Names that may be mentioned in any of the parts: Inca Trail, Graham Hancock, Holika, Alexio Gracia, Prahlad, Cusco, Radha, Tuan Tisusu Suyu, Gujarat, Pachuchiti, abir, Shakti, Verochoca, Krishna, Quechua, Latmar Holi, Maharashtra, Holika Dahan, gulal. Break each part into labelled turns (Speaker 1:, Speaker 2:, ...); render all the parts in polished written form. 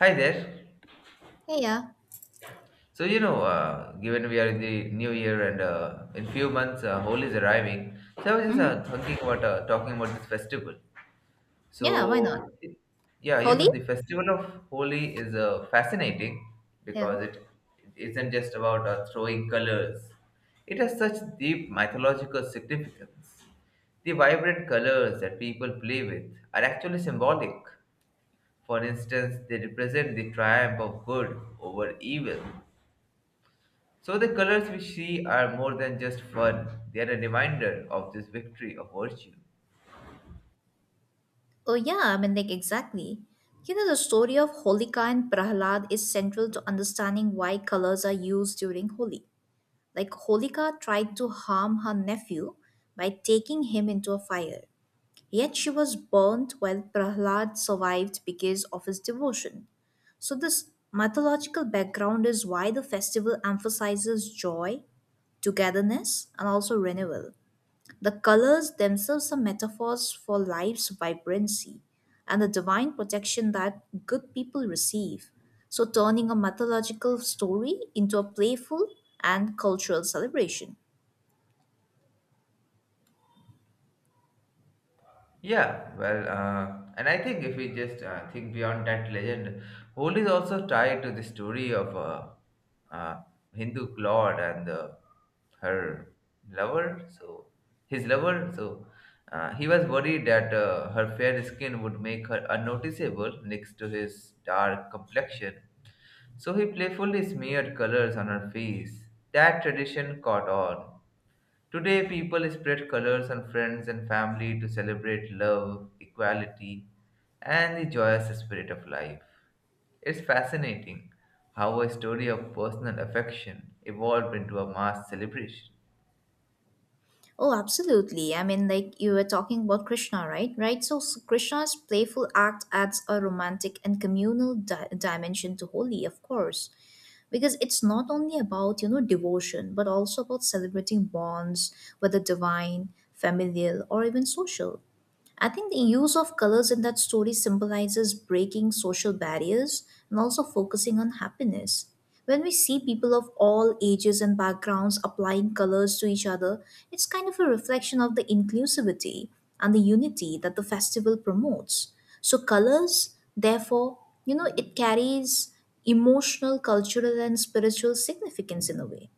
Speaker 1: Hi there.
Speaker 2: Hey, yeah.
Speaker 1: Given we are in the new year and in few months Holi is arriving, so I was just
Speaker 2: Mm-hmm.
Speaker 1: thinking about talking about this festival.
Speaker 2: Yeah, why not?
Speaker 1: So
Speaker 2: Holi?
Speaker 1: the festival of Holi is fascinating
Speaker 2: Yeah.
Speaker 1: because it isn't just about throwing colors. It has such deep mythological significance. The vibrant colors that people play with are actually symbolic. For instance, they represent the triumph of good over evil. So the colors we see are more than just fun, they are a reminder of this victory of virtue.
Speaker 2: Oh, yeah, exactly. You know, the story of Holika and Prahlad is central to understanding why colors are used during Holi. Holika tried to harm her nephew by taking him into a fire. Yet she was burnt while Prahlad survived because of his devotion. So, this mythological background is why the festival emphasizes joy, togetherness, and also renewal. The colors themselves are metaphors for life's vibrancy and the divine protection that good people receive. So, turning a mythological story into a playful and cultural celebration.
Speaker 1: And I think if we just think beyond that legend, Holi is also tied to the story of a uh, uh, Hindu lord and her lover. So his lover. So he was worried that her fair skin would make her unnoticeable next to his dark complexion. So he playfully smeared colors on her face. That tradition caught on. Today, people spread colors on friends and family to celebrate love, equality, and the joyous spirit of life. It's fascinating how a story of personal affection evolved into a mass celebration.
Speaker 2: Oh, absolutely. I mean, like you were talking about Krishna, right? Right. So, Krishna's playful act adds a romantic and communal dimension to Holi, of course, because it's not only about devotion but also about celebrating bonds, whether divine, familial, or even social. I think the use of colors in that story symbolizes breaking social barriers and also focusing on happiness. When we see people of all ages and backgrounds applying colors to each other, it's kind of a reflection of the inclusivity and the unity that the festival promotes. So, colors, therefore, it carries emotional, cultural, and spiritual significance in a way.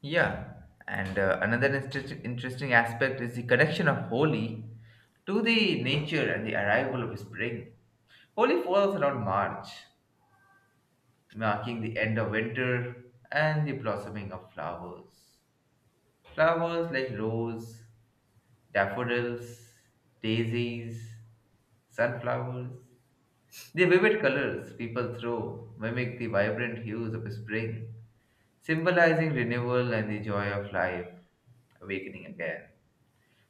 Speaker 1: Yeah, and Another interesting aspect is the connection of Holi to the nature and the arrival of spring. Holi falls around March, marking the end of winter and the blossoming of flowers. Flowers like rose, daffodils, daisies, sunflowers. The vivid colors people throw mimic the vibrant hues of spring, symbolizing renewal and the joy of life awakening again.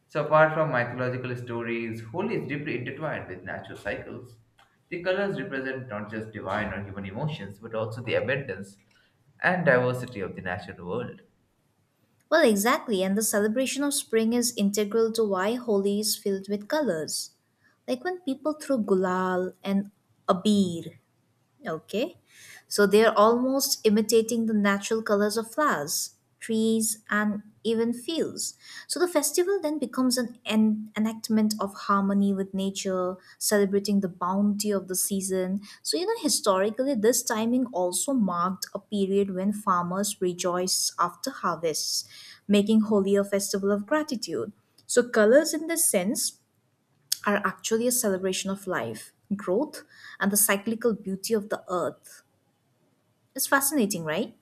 Speaker 1: So, apart from mythological stories, Holi is deeply intertwined with natural cycles. The colors represent not just divine or human emotions, but also the abundance and diversity of the natural world.
Speaker 2: Well, exactly, and the celebration of spring is integral to why Holi is filled with colors. Like when people throw gulal and abir. Okay. So they are almost imitating the natural colors of flowers, trees, and even fields. So the festival then becomes an enactment of harmony with nature, celebrating the bounty of the season. So, you know, historically, this timing also marked a period when farmers rejoice after harvests, making Holi a festival of gratitude. So, colors in this sense are actually a celebration of life, growth, and the cyclical beauty of the earth. It's fascinating, right?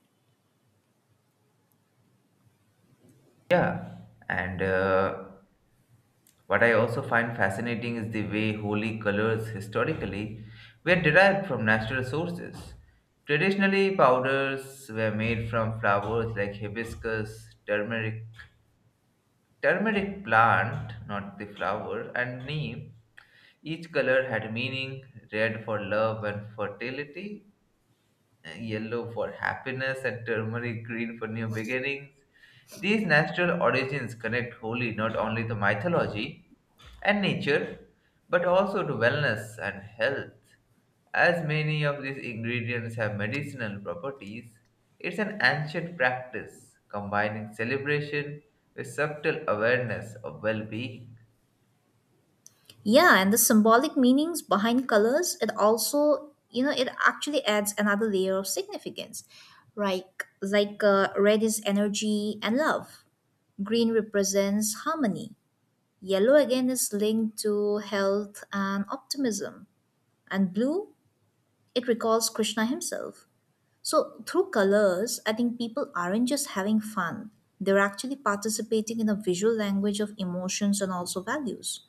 Speaker 1: Yeah, and What I also find fascinating is the way holy colors historically were derived from natural sources. Traditionally, powders were made from flowers like hibiscus, turmeric plant, not the flower, and neem. Each color had meaning, red for love and fertility, yellow for happiness, and turmeric green for new beginnings. These natural origins connect wholly not only to mythology and nature, but also to wellness and health. As many of these ingredients have medicinal properties, it's an ancient practice combining celebration with subtle awareness of well being.
Speaker 2: Yeah, and the symbolic meanings behind colors, it also, you know, it actually adds another layer of significance. Like red is energy and love. Green represents harmony. Yellow again is linked to health and optimism. And blue, it recalls Krishna himself. So, through colors, I think people aren't just having fun, they're actually participating in a visual language of emotions and also values.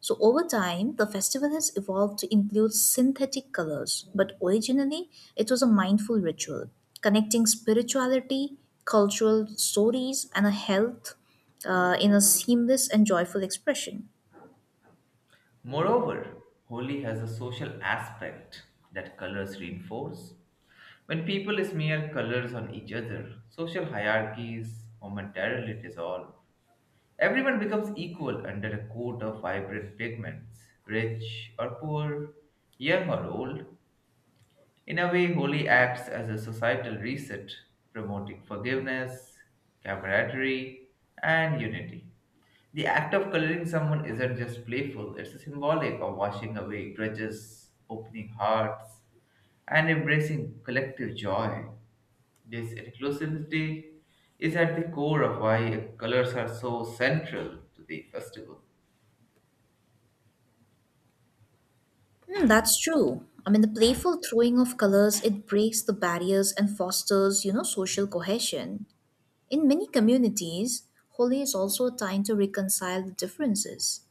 Speaker 2: So, over time, the festival has evolved to include synthetic colors, but originally, it was a mindful ritual connecting spirituality, cultural stories, and a health in a seamless and joyful expression.
Speaker 1: Moreover, Holi has a social aspect that colors reinforce. When people smear colors on each other, social hierarchies momentarily dissolve. Everyone becomes equal under a coat of vibrant pigments, rich or poor, young or old. In a way, Holi acts as a societal reset, promoting forgiveness, camaraderie, and unity. The act of coloring someone isn't just playful, it's symbolic of washing away grudges, opening hearts, and embracing collective joy. This inclusivity is at the core of why colors are so central to the festival.
Speaker 2: Hmm, that's true. I mean, the playful throwing of colors, it breaks the barriers and fosters, you know, social cohesion. In many communities, Holi is also a time to reconcile the differences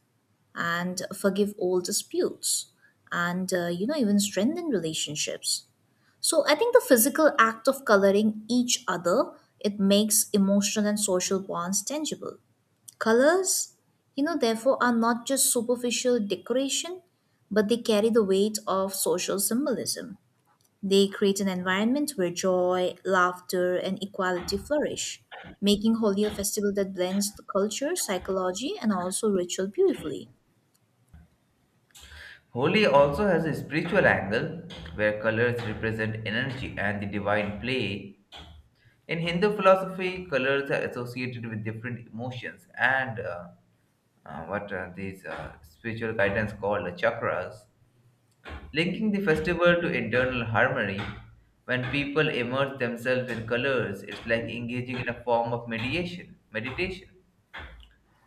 Speaker 2: and forgive old disputes, and you know, even strengthen relationships. So I think the physical act of coloring each other, it makes emotional and social bonds tangible. Colors, you know, therefore are not just superficial decoration, but they carry the weight of social symbolism. They create an environment where joy, laughter, and equality flourish, making Holi a festival that blends the culture, psychology, and also ritual beautifully.
Speaker 1: Holi also has a spiritual angle where colors represent energy and the divine play. In Hindu philosophy, colors are associated with different emotions and what these spiritual guidance called the chakras, linking the festival to internal harmony. When people immerse themselves in colors, it's like engaging in a form of meditation.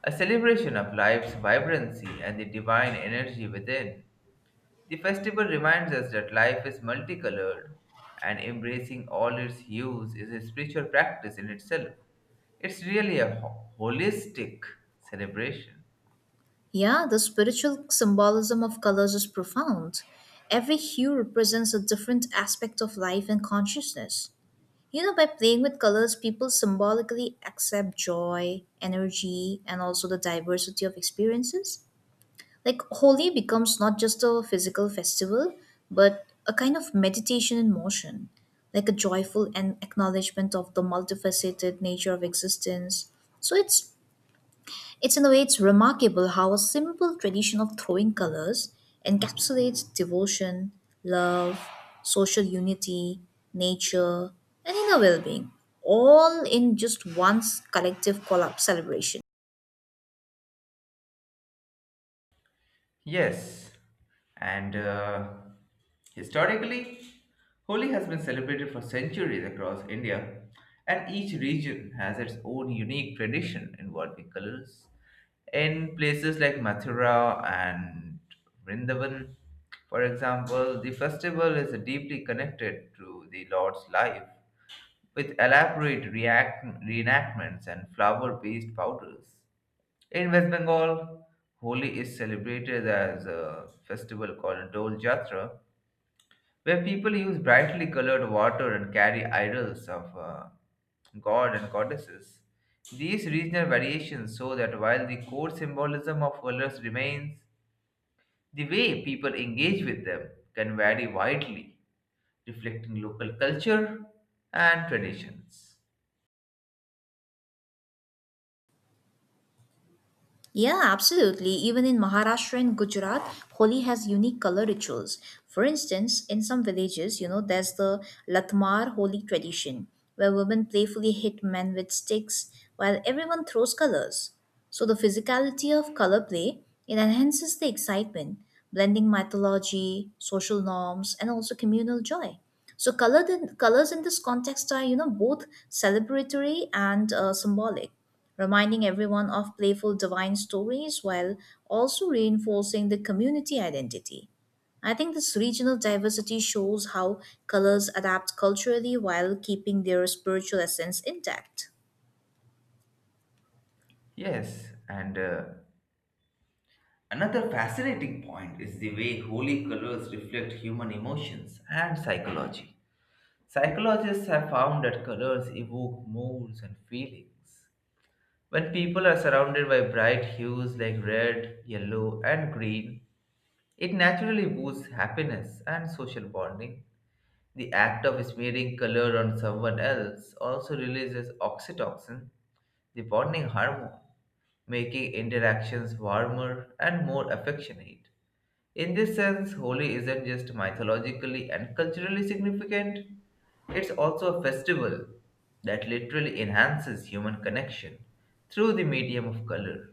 Speaker 1: A celebration of life's vibrancy and the divine energy within. The festival reminds us that life is multicolored, and embracing all its hues is a spiritual practice in itself. It's really a holistic celebration.
Speaker 2: Yeah, the spiritual symbolism of colors is profound. Every hue represents a different aspect of life and consciousness. You know, by playing with colors, people symbolically accept joy, energy, and also the diversity of experiences. Like Holi becomes not just a physical festival, but a kind of meditation in motion, like a joyful and acknowledgement of the multifaceted nature of existence. So it's in a way it's remarkable how a simple tradition of throwing colors encapsulates devotion, love, social unity, nature, and inner well-being, all in just one collective collab celebration.
Speaker 1: Yes, and Historically, Holi has been celebrated for centuries across India, and each region has its own unique tradition involving colors. In places like Mathura and Vrindavan, for example, the festival is deeply connected to the Lord's life, with elaborate reenactments and flower based powders. In West Bengal, Holi is celebrated as a festival called Dol Jatra, where people use brightly colored water and carry idols of god and goddesses. These regional variations show that while the core symbolism of colors remains, the way people engage with them can vary widely, reflecting local culture and traditions.
Speaker 2: Yeah, absolutely. Even in Maharashtra and Gujarat, Holi has unique color rituals. For instance, in some villages, you know, there's the Latmar Holi tradition, where women playfully hit men with sticks while everyone throws colors. So the physicality of color play, it enhances the excitement, blending mythology, social norms, and also communal joy. So colors in this context are, you know, both celebratory and symbolic, reminding everyone of playful divine stories while also reinforcing the community identity. I think this regional diversity shows how colors adapt culturally while keeping their spiritual essence intact.
Speaker 1: Yes, and Another fascinating point is the way holy colors reflect human emotions and psychology. Psychologists have found that colors evoke moods and feelings. When people are surrounded by bright hues like red, yellow, and green, it naturally boosts happiness and social bonding. The act of smearing color on someone else also releases oxytocin, the bonding hormone, making interactions warmer and more affectionate. In this sense, Holi isn't just mythologically and culturally significant, it's also a festival that literally enhances human connection through the medium of color.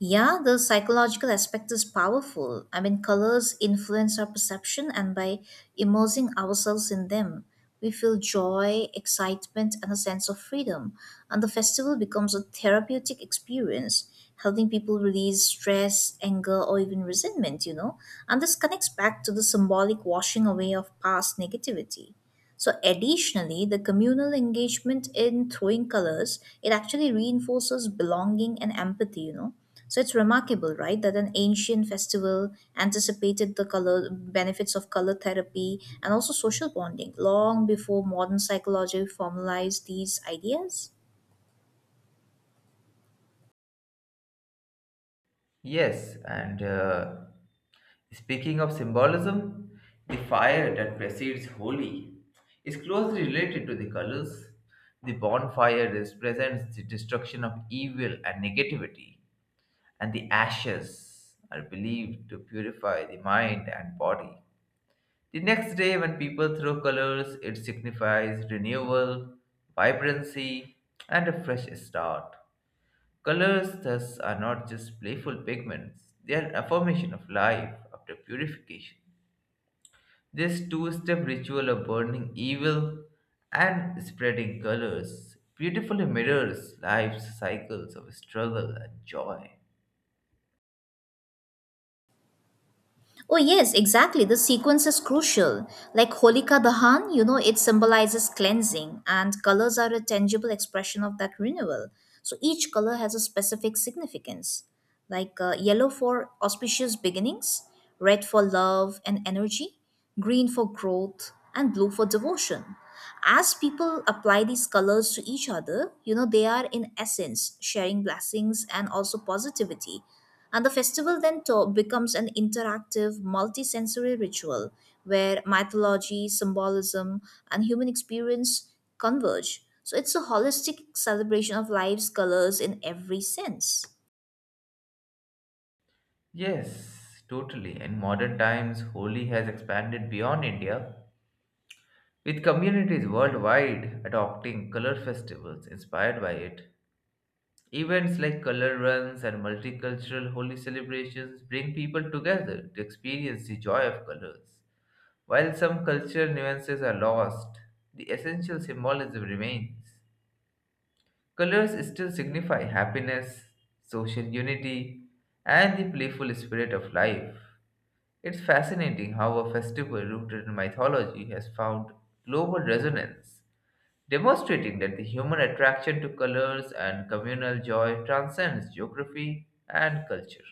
Speaker 2: Yeah, the psychological aspect is powerful. I mean, colors influence our perception, and by immersing ourselves in them, we feel joy, excitement, and a sense of freedom. And the festival becomes a therapeutic experience, helping people release stress, anger, or even resentment, you know. And this connects back to the symbolic washing away of past negativity. So additionally, the communal engagement in throwing colors, it actually reinforces belonging and empathy, you know, so it's remarkable, right, that an ancient festival anticipated the color benefits of color therapy and also social bonding long before modern psychology formalized these ideas.
Speaker 1: Yes, and Speaking of symbolism, the fire that precedes Holi is closely related to the colors. The bonfire represents the destruction of evil and negativity, and the ashes are believed to purify the mind and body. The next day, when people throw colors, it signifies renewal, vibrancy, and a fresh start. Colors, thus, are not just playful pigments, they are an affirmation of life after purification. This two step ritual of burning evil and spreading colors beautifully mirrors life's cycles of struggle and joy.
Speaker 2: Oh yes, exactly. The sequence is crucial. Like Holika Dahan, you know, it symbolizes cleansing, and colors are a tangible expression of that renewal. So each color has a specific significance, like yellow for auspicious beginnings, red for love and energy, green for growth, and blue for devotion. As people apply these colors to each other, you know, they are in essence sharing blessings and also positivity. And the festival then becomes an interactive, multi-sensory ritual where mythology, symbolism, and human experience converge. So it's a holistic celebration of life's colors in every sense.
Speaker 1: Yes, totally. In modern times, Holi has expanded beyond India with communities worldwide adopting color festivals inspired by it. Events like color runs and multicultural holy celebrations bring people together to experience the joy of colors. While some cultural nuances are lost, the essential symbolism remains. Colors still signify happiness, social unity, and the playful spirit of life. It's fascinating how a festival rooted in mythology has found global resonance, demonstrating that the human attraction to colors and communal joy transcends geography and culture.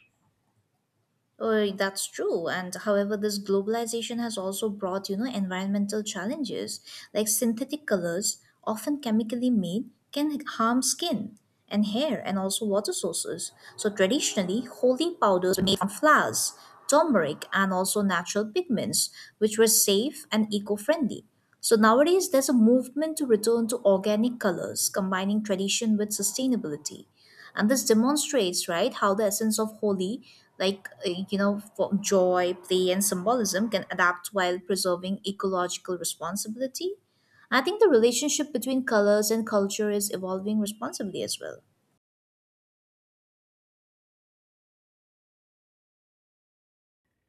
Speaker 2: That's true. And however, this globalization has also brought, you know, environmental challenges, like synthetic colors, often chemically made, can harm skin and hair and also water sources. So traditionally, holy powders were made from flowers, turmeric, and also natural pigments, which were safe and eco-friendly. So nowadays, there's a movement to return to organic colors, combining tradition with sustainability. And this demonstrates, right, how the essence of holy, you know, for joy, play, and symbolism can adapt while preserving ecological responsibility. I think the relationship between colors and culture is evolving responsibly as well.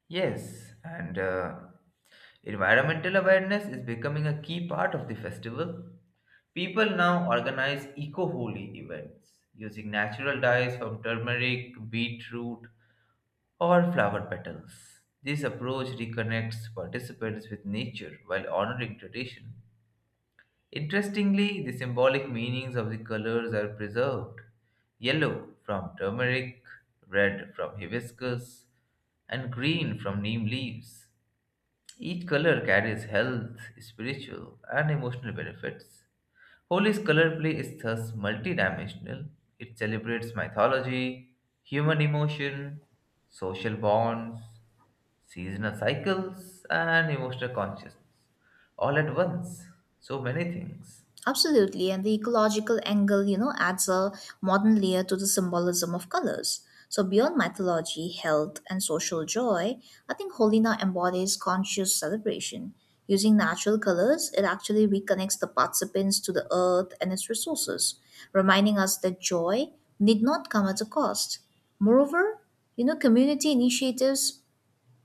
Speaker 1: Yes, and Environmental awareness is becoming a key part of the festival. People now organize eco holi events using natural dyes from turmeric, beetroot, or flower petals. This approach reconnects participants with nature while honoring tradition. Interestingly, the symbolic meanings of the colors are preserved. Yellow from turmeric, red from hibiscus, and green from neem leaves. Each color carries health, spiritual, and emotional benefits. Holi's color play is thus multidimensional. It celebrates mythology, human emotion, social bonds, seasonal cycles, and emotional consciousness all at once. So many things.
Speaker 2: Absolutely, and the ecological angle, you know, adds a modern layer to the symbolism of colors. So beyond mythology, health, and social joy, I think Holina embodies conscious celebration. Using natural colors, it actually reconnects the participants to the earth and its resources, reminding us that joy need not come at a cost. Moreover, you know, community initiatives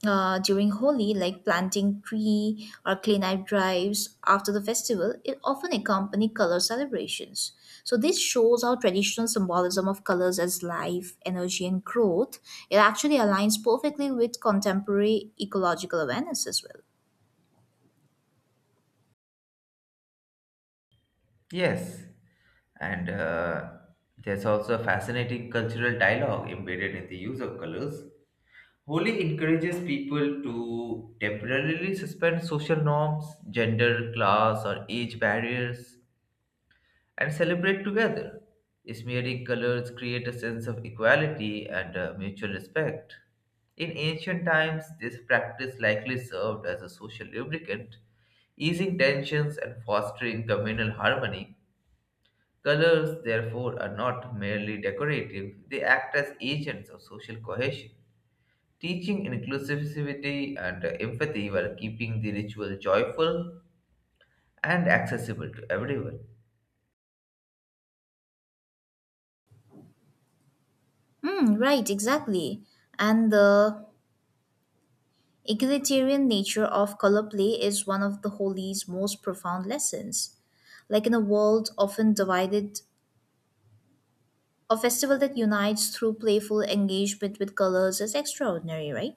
Speaker 2: during Holi, like planting tree or clean up drives after the festival, it often accompany color celebrations. So this shows how traditional symbolism of colors as life, energy, and growth, it actually aligns perfectly with contemporary ecological awareness as well.
Speaker 1: Yes, and There's also a fascinating cultural dialogue embedded in the use of colors. Holi encourages people to temporarily suspend social norms, gender, class, or age barriers, and celebrate together. Smearing colors create a sense of equality and mutual respect. In ancient times, this practice likely served as a social lubricant, easing tensions and fostering communal harmony. Colors, therefore, are not merely decorative, they act as agents of social cohesion, teaching inclusivity and empathy while keeping the ritual joyful and accessible to everyone.
Speaker 2: Hmm, right, exactly. And the egalitarian nature of color play is one of the Holi's most profound lessons. Like, in a world often divided, a festival that unites through playful engagement with colors is extraordinary, right?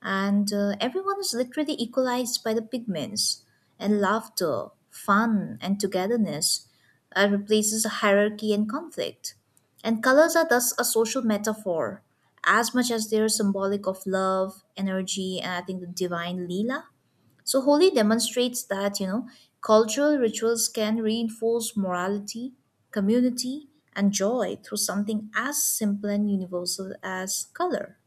Speaker 2: And everyone is literally equalized by the pigments, and laughter, fun, and togetherness replaces hierarchy and conflict. And colors are thus a social metaphor, as much as they are symbolic of love, energy, and I think the divine leela. So Holi demonstrates that, you know, cultural rituals can reinforce morality, community, and joy through something as simple and universal as color.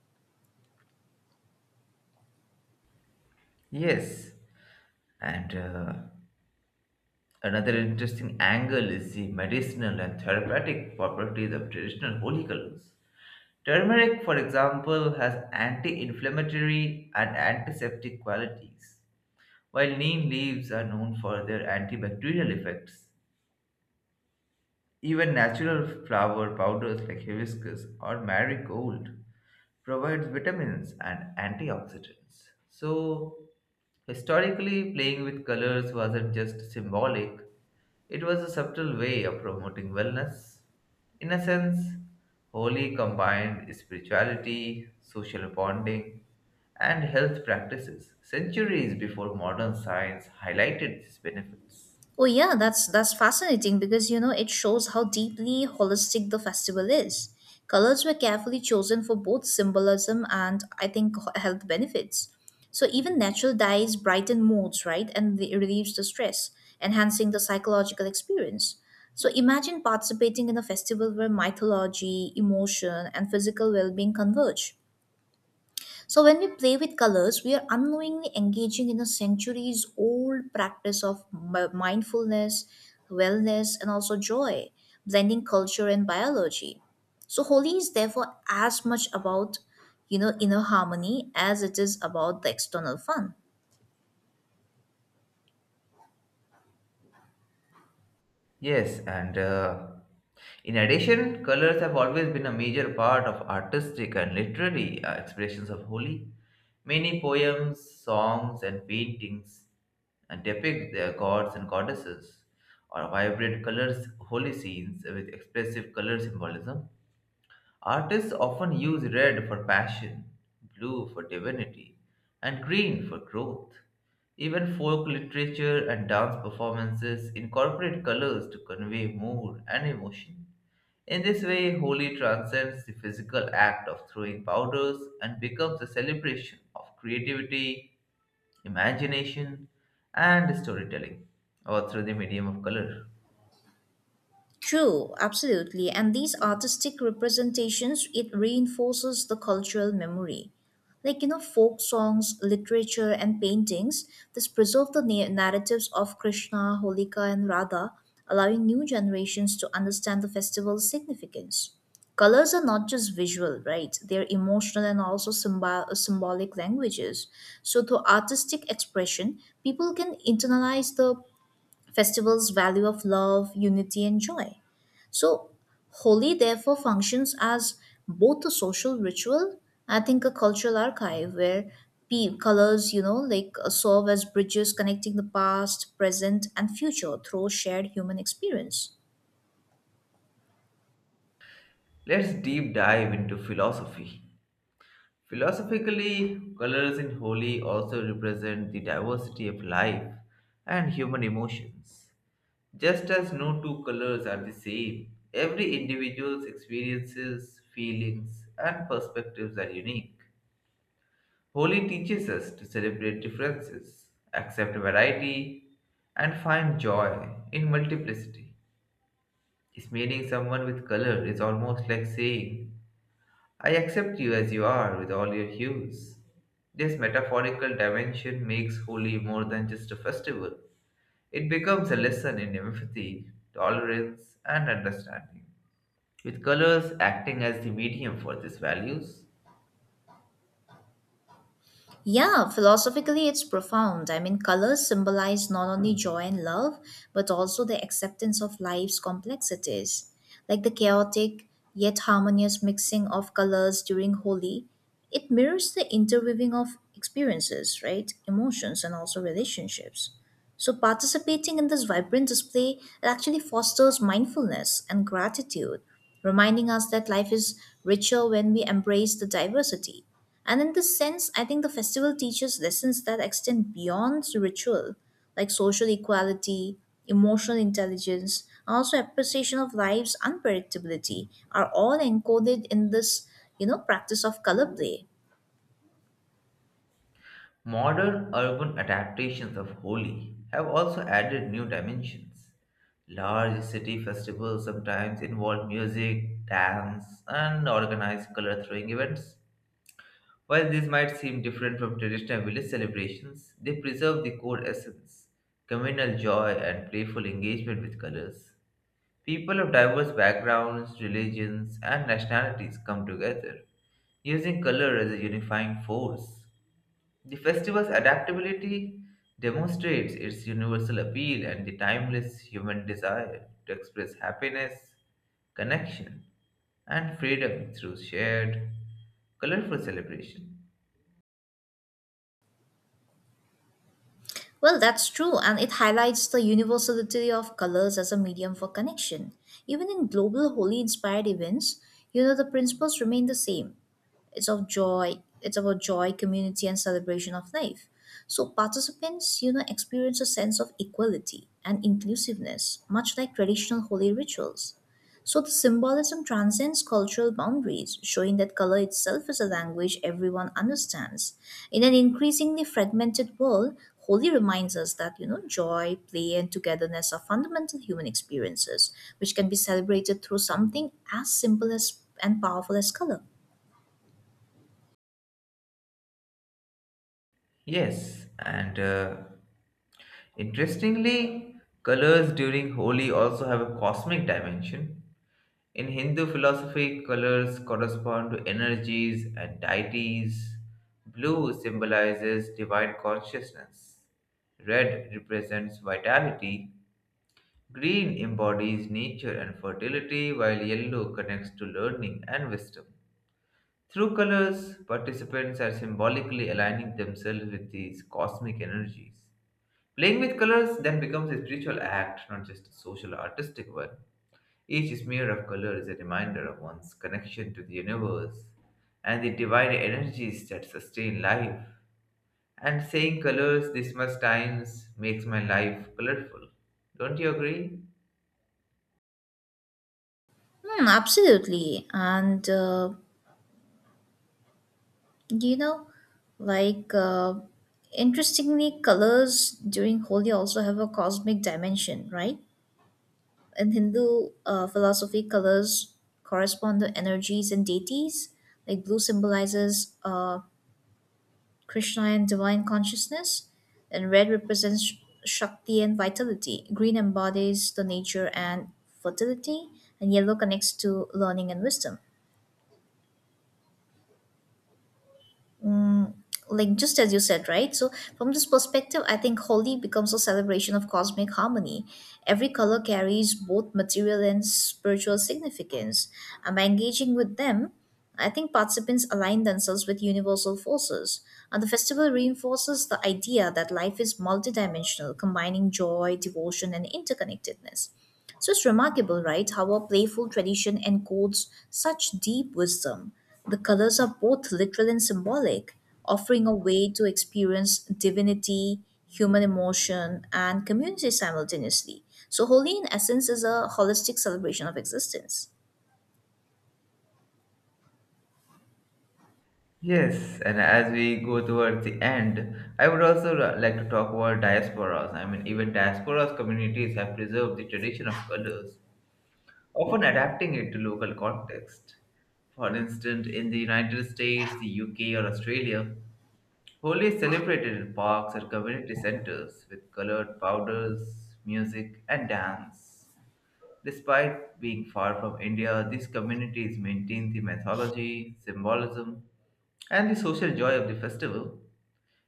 Speaker 1: Yes, and Another interesting angle is the medicinal and therapeutic properties of traditional holy colors. Turmeric, for example, has anti inflammatory and antiseptic qualities, while neem leaves are known for their antibacterial effects. Even natural flower powders like hibiscus or marigold provides vitamins and antioxidants. So, historically, playing with colors wasn't just symbolic, it was a subtle way of promoting wellness. In a sense, Holi combined spirituality, social bonding, and health practices centuries before modern science highlighted these benefits.
Speaker 2: Oh yeah, that's fascinating, because you know it shows how deeply holistic the festival is. Colors were carefully chosen for both symbolism and I think health benefits. So even natural dyes brighten moods, right, and relieves the stress, enhancing the psychological experience. So imagine participating in a festival where mythology, emotion, and physical well-being converge. So, when we play with colors, we are unknowingly engaging in a centuries old practice of mindfulness, wellness, and also joy, blending culture and biology. So, Holi is therefore as much about, you know, inner harmony as it is about the external fun.
Speaker 1: Yes, and In addition, colors have always been a major part of artistic and literary expressions of Holi. Many poems, songs, and paintings depict their gods and goddesses or vibrant colors, holy scenes with expressive color symbolism. Artists often use red for passion, blue for divinity, and green for growth. Even folk literature and dance performances incorporate colors to convey mood and emotion. In this way, Holi transcends the physical act of throwing powders and becomes a celebration of creativity, imagination, and storytelling, or through the medium of color.
Speaker 2: True, absolutely. And these artistic representations, it reinforces the cultural memory. Like, you know, folk songs, literature, and paintings, this preserve the narratives of Krishna, Holika, and Radha, allowing new generations to understand the festival's significance. Colors are not just visual, right? They're emotional and also symbolic languages. So, through artistic expression, people can internalize the festival's value of love, unity, and joy. So, Holi therefore functions as both a social ritual, I think a cultural archive where colors, you know, serve as bridges connecting the past, present, and future through shared human experience.
Speaker 1: Let's deep dive into philosophy. Philosophically, colors in Holi also represent the diversity of life and human emotions. Just as no two colors are the same, every individual's experiences, feelings, and perspectives are unique. Holi teaches us to celebrate differences, accept variety, and find joy in multiplicity. Smearing someone with color is almost like saying, I accept you as you are with all your hues. This metaphorical dimension makes Holi more than just a festival. It becomes a lesson in empathy, tolerance, and understanding. With colors acting as the medium for these values,
Speaker 2: Yeah, philosophically, it's profound. I mean, colors symbolize not only joy and love, but also the acceptance of life's complexities. Like the chaotic yet harmonious mixing of colors during Holi, it mirrors the interweaving of experiences, right? Emotions and also relationships. So, participating in this vibrant display actually fosters mindfulness and gratitude, reminding us that life is richer when we embrace the diversity. And in this sense, I think the festival teaches lessons that extend beyond ritual, like social equality, emotional intelligence, and also appreciation of life's unpredictability are all encoded in this, you know, practice of color play.
Speaker 1: modern urban adaptations of Holi have also added new dimensions. Large city festivals sometimes involve music, dance, and organized color throwing events. While these might seem different from traditional village celebrations, they preserve the core essence, communal joy and playful engagement with colors. People of diverse backgrounds, religions, and nationalities come together, using color as a unifying force. The festival's adaptability demonstrates its universal appeal and the timeless human desire to express happiness, connection, and freedom through shared, colorful celebration.
Speaker 2: Well, that's true, and it highlights the universality of colors as a medium for connection. Even in global holy inspired events, the principles remain the same. It's of joy. It's about joy, community, and celebration of life. So participants, experience a sense of equality and inclusiveness, much like traditional holy rituals. So the symbolism transcends cultural boundaries, showing that color itself is a language everyone understands. In an increasingly fragmented world, Holi reminds us that, joy, play, and togetherness are fundamental human experiences, which can be celebrated through something as simple as and powerful as color.
Speaker 1: Yes, and Interestingly, colors during Holi also have a cosmic dimension. In Hindu philosophy, colors correspond to energies and deities. Blue symbolizes divine consciousness. Red represents vitality. Green embodies nature and fertility, while yellow connects to learning and wisdom. Through colors, participants are symbolically aligning themselves with these cosmic energies. Playing with colors then becomes a spiritual act, not just a social or artistic one. Each smear of color is a reminder of one's connection to the universe and the divine energies that sustain life. And saying colors this much times makes my life colorful. Don't you agree?
Speaker 2: Hmm, absolutely. And, you know, like, Interestingly, colors during Holi also have a cosmic dimension, right? In Hindu philosophy, colors correspond to energies and deities. Like, blue symbolizes Krishna and divine consciousness, and red represents Shakti and vitality. Green embodies the nature and fertility, and yellow connects to learning and wisdom. mm, like just as you said, right? So from this perspective, I think Holi becomes a celebration of cosmic harmony. Every color carries both material and spiritual significance, and by engaging with them, I think participants align themselves with universal forces. And the festival reinforces the idea that life is multidimensional, combining joy, devotion, and interconnectedness. So it's remarkable, right, how a playful tradition encodes such deep wisdom. The colors are both literal and symbolic, offering a way to experience divinity, human emotion, and community simultaneously. So, Holi, in essence, is a holistic celebration of existence.
Speaker 1: Yes, and as we go towards the end, I would also like to talk about diasporas. I mean, even diasporas communities have preserved the tradition of colors, often adapting it to local context. For instance, in the United States, the UK, or Australia, Holi is celebrated in parks or community centers with colored powders, music, and dance. Despite being far from India, these communities maintain the mythology, symbolism, and the social joy of the festival.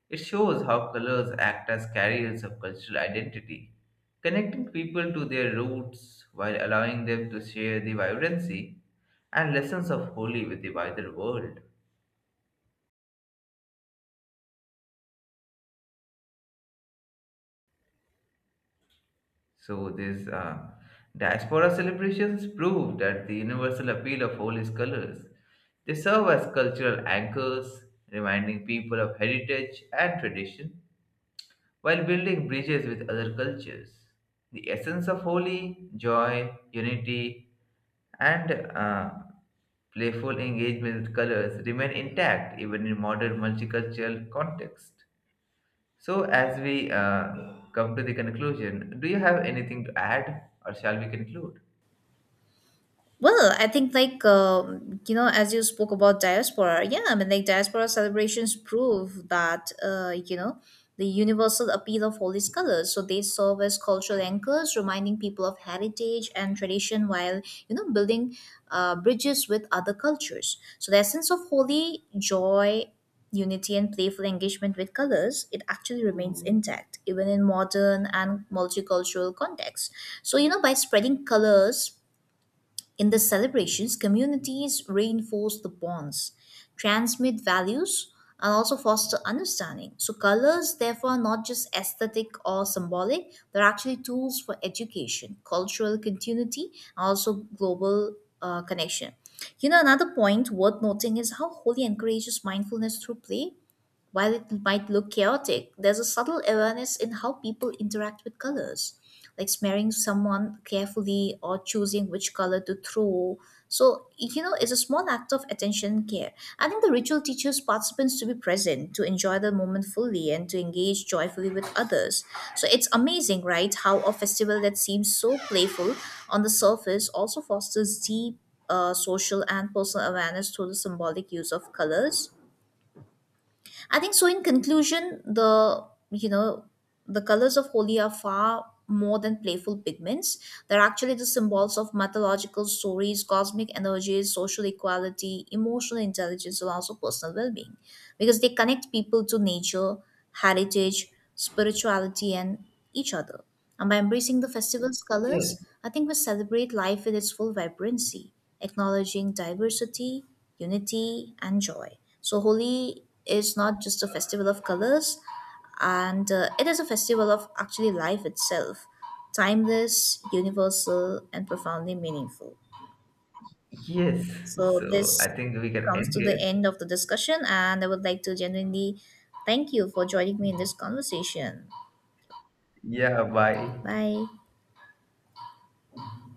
Speaker 1: It shows how colors act as carriers of cultural identity, connecting people to their roots while allowing them to share the vibrancy and lessons of Holi with the wider world. So, these diaspora celebrations prove that the universal appeal of Holi's colors. They serve as cultural anchors, reminding people of heritage and tradition while building bridges with other cultures. The essence of holy, joy, unity, and playful engagement with colors remain intact even in modern multicultural context. So, as we come to the conclusion, do you have anything to add, or shall we conclude?
Speaker 2: Well, I think as you spoke about diaspora, yeah, I mean like diaspora celebrations prove that the universal appeal of all these colors. So they serve as cultural anchors, reminding people of heritage and tradition while building bridges with other cultures. So the essence of holy joy, unity, and playful engagement with colors it actually remains intact even in modern and multicultural contexts. So by spreading colors in the celebrations, communities reinforce the bonds, transmit values, and also foster understanding. So, colors, therefore, are not just aesthetic or symbolic, they're actually tools for education, cultural continuity, and also global connection. You know, another point worth noting is how Holi encourages mindfulness through play. While it might look chaotic, there's a subtle awareness in how people interact with colors, like smearing someone carefully or choosing which color to throw. So, you know, it's a small act of attention and care. I think the ritual teaches participants to be present, to enjoy the moment fully, and to engage joyfully with others. So, it's amazing, right, how a festival that seems so playful on the surface also fosters deep social and personal awareness through the symbolic use of colors. I think so. In conclusion, the you know the colors of Holi are far more than playful pigments. They're actually the symbols of mythological stories, cosmic energies, social equality, emotional intelligence, and also personal well-being, because they connect people to nature, heritage, spirituality, and each other. And by embracing the festival's colors,
Speaker 1: Yes.
Speaker 2: I think we celebrate life with its full vibrancy, acknowledging diversity, unity, and joy. So, Holi is not just a festival of colors, and it is a festival of actually life itself, timeless, universal, and profoundly meaningful.
Speaker 1: Yes.
Speaker 2: So,
Speaker 1: So,
Speaker 2: this
Speaker 1: I think we can
Speaker 2: comes
Speaker 1: end
Speaker 2: to the
Speaker 1: here.
Speaker 2: end of the discussion, and I would like to genuinely thank you for joining me in this conversation.
Speaker 1: Yeah. Bye.
Speaker 2: Bye.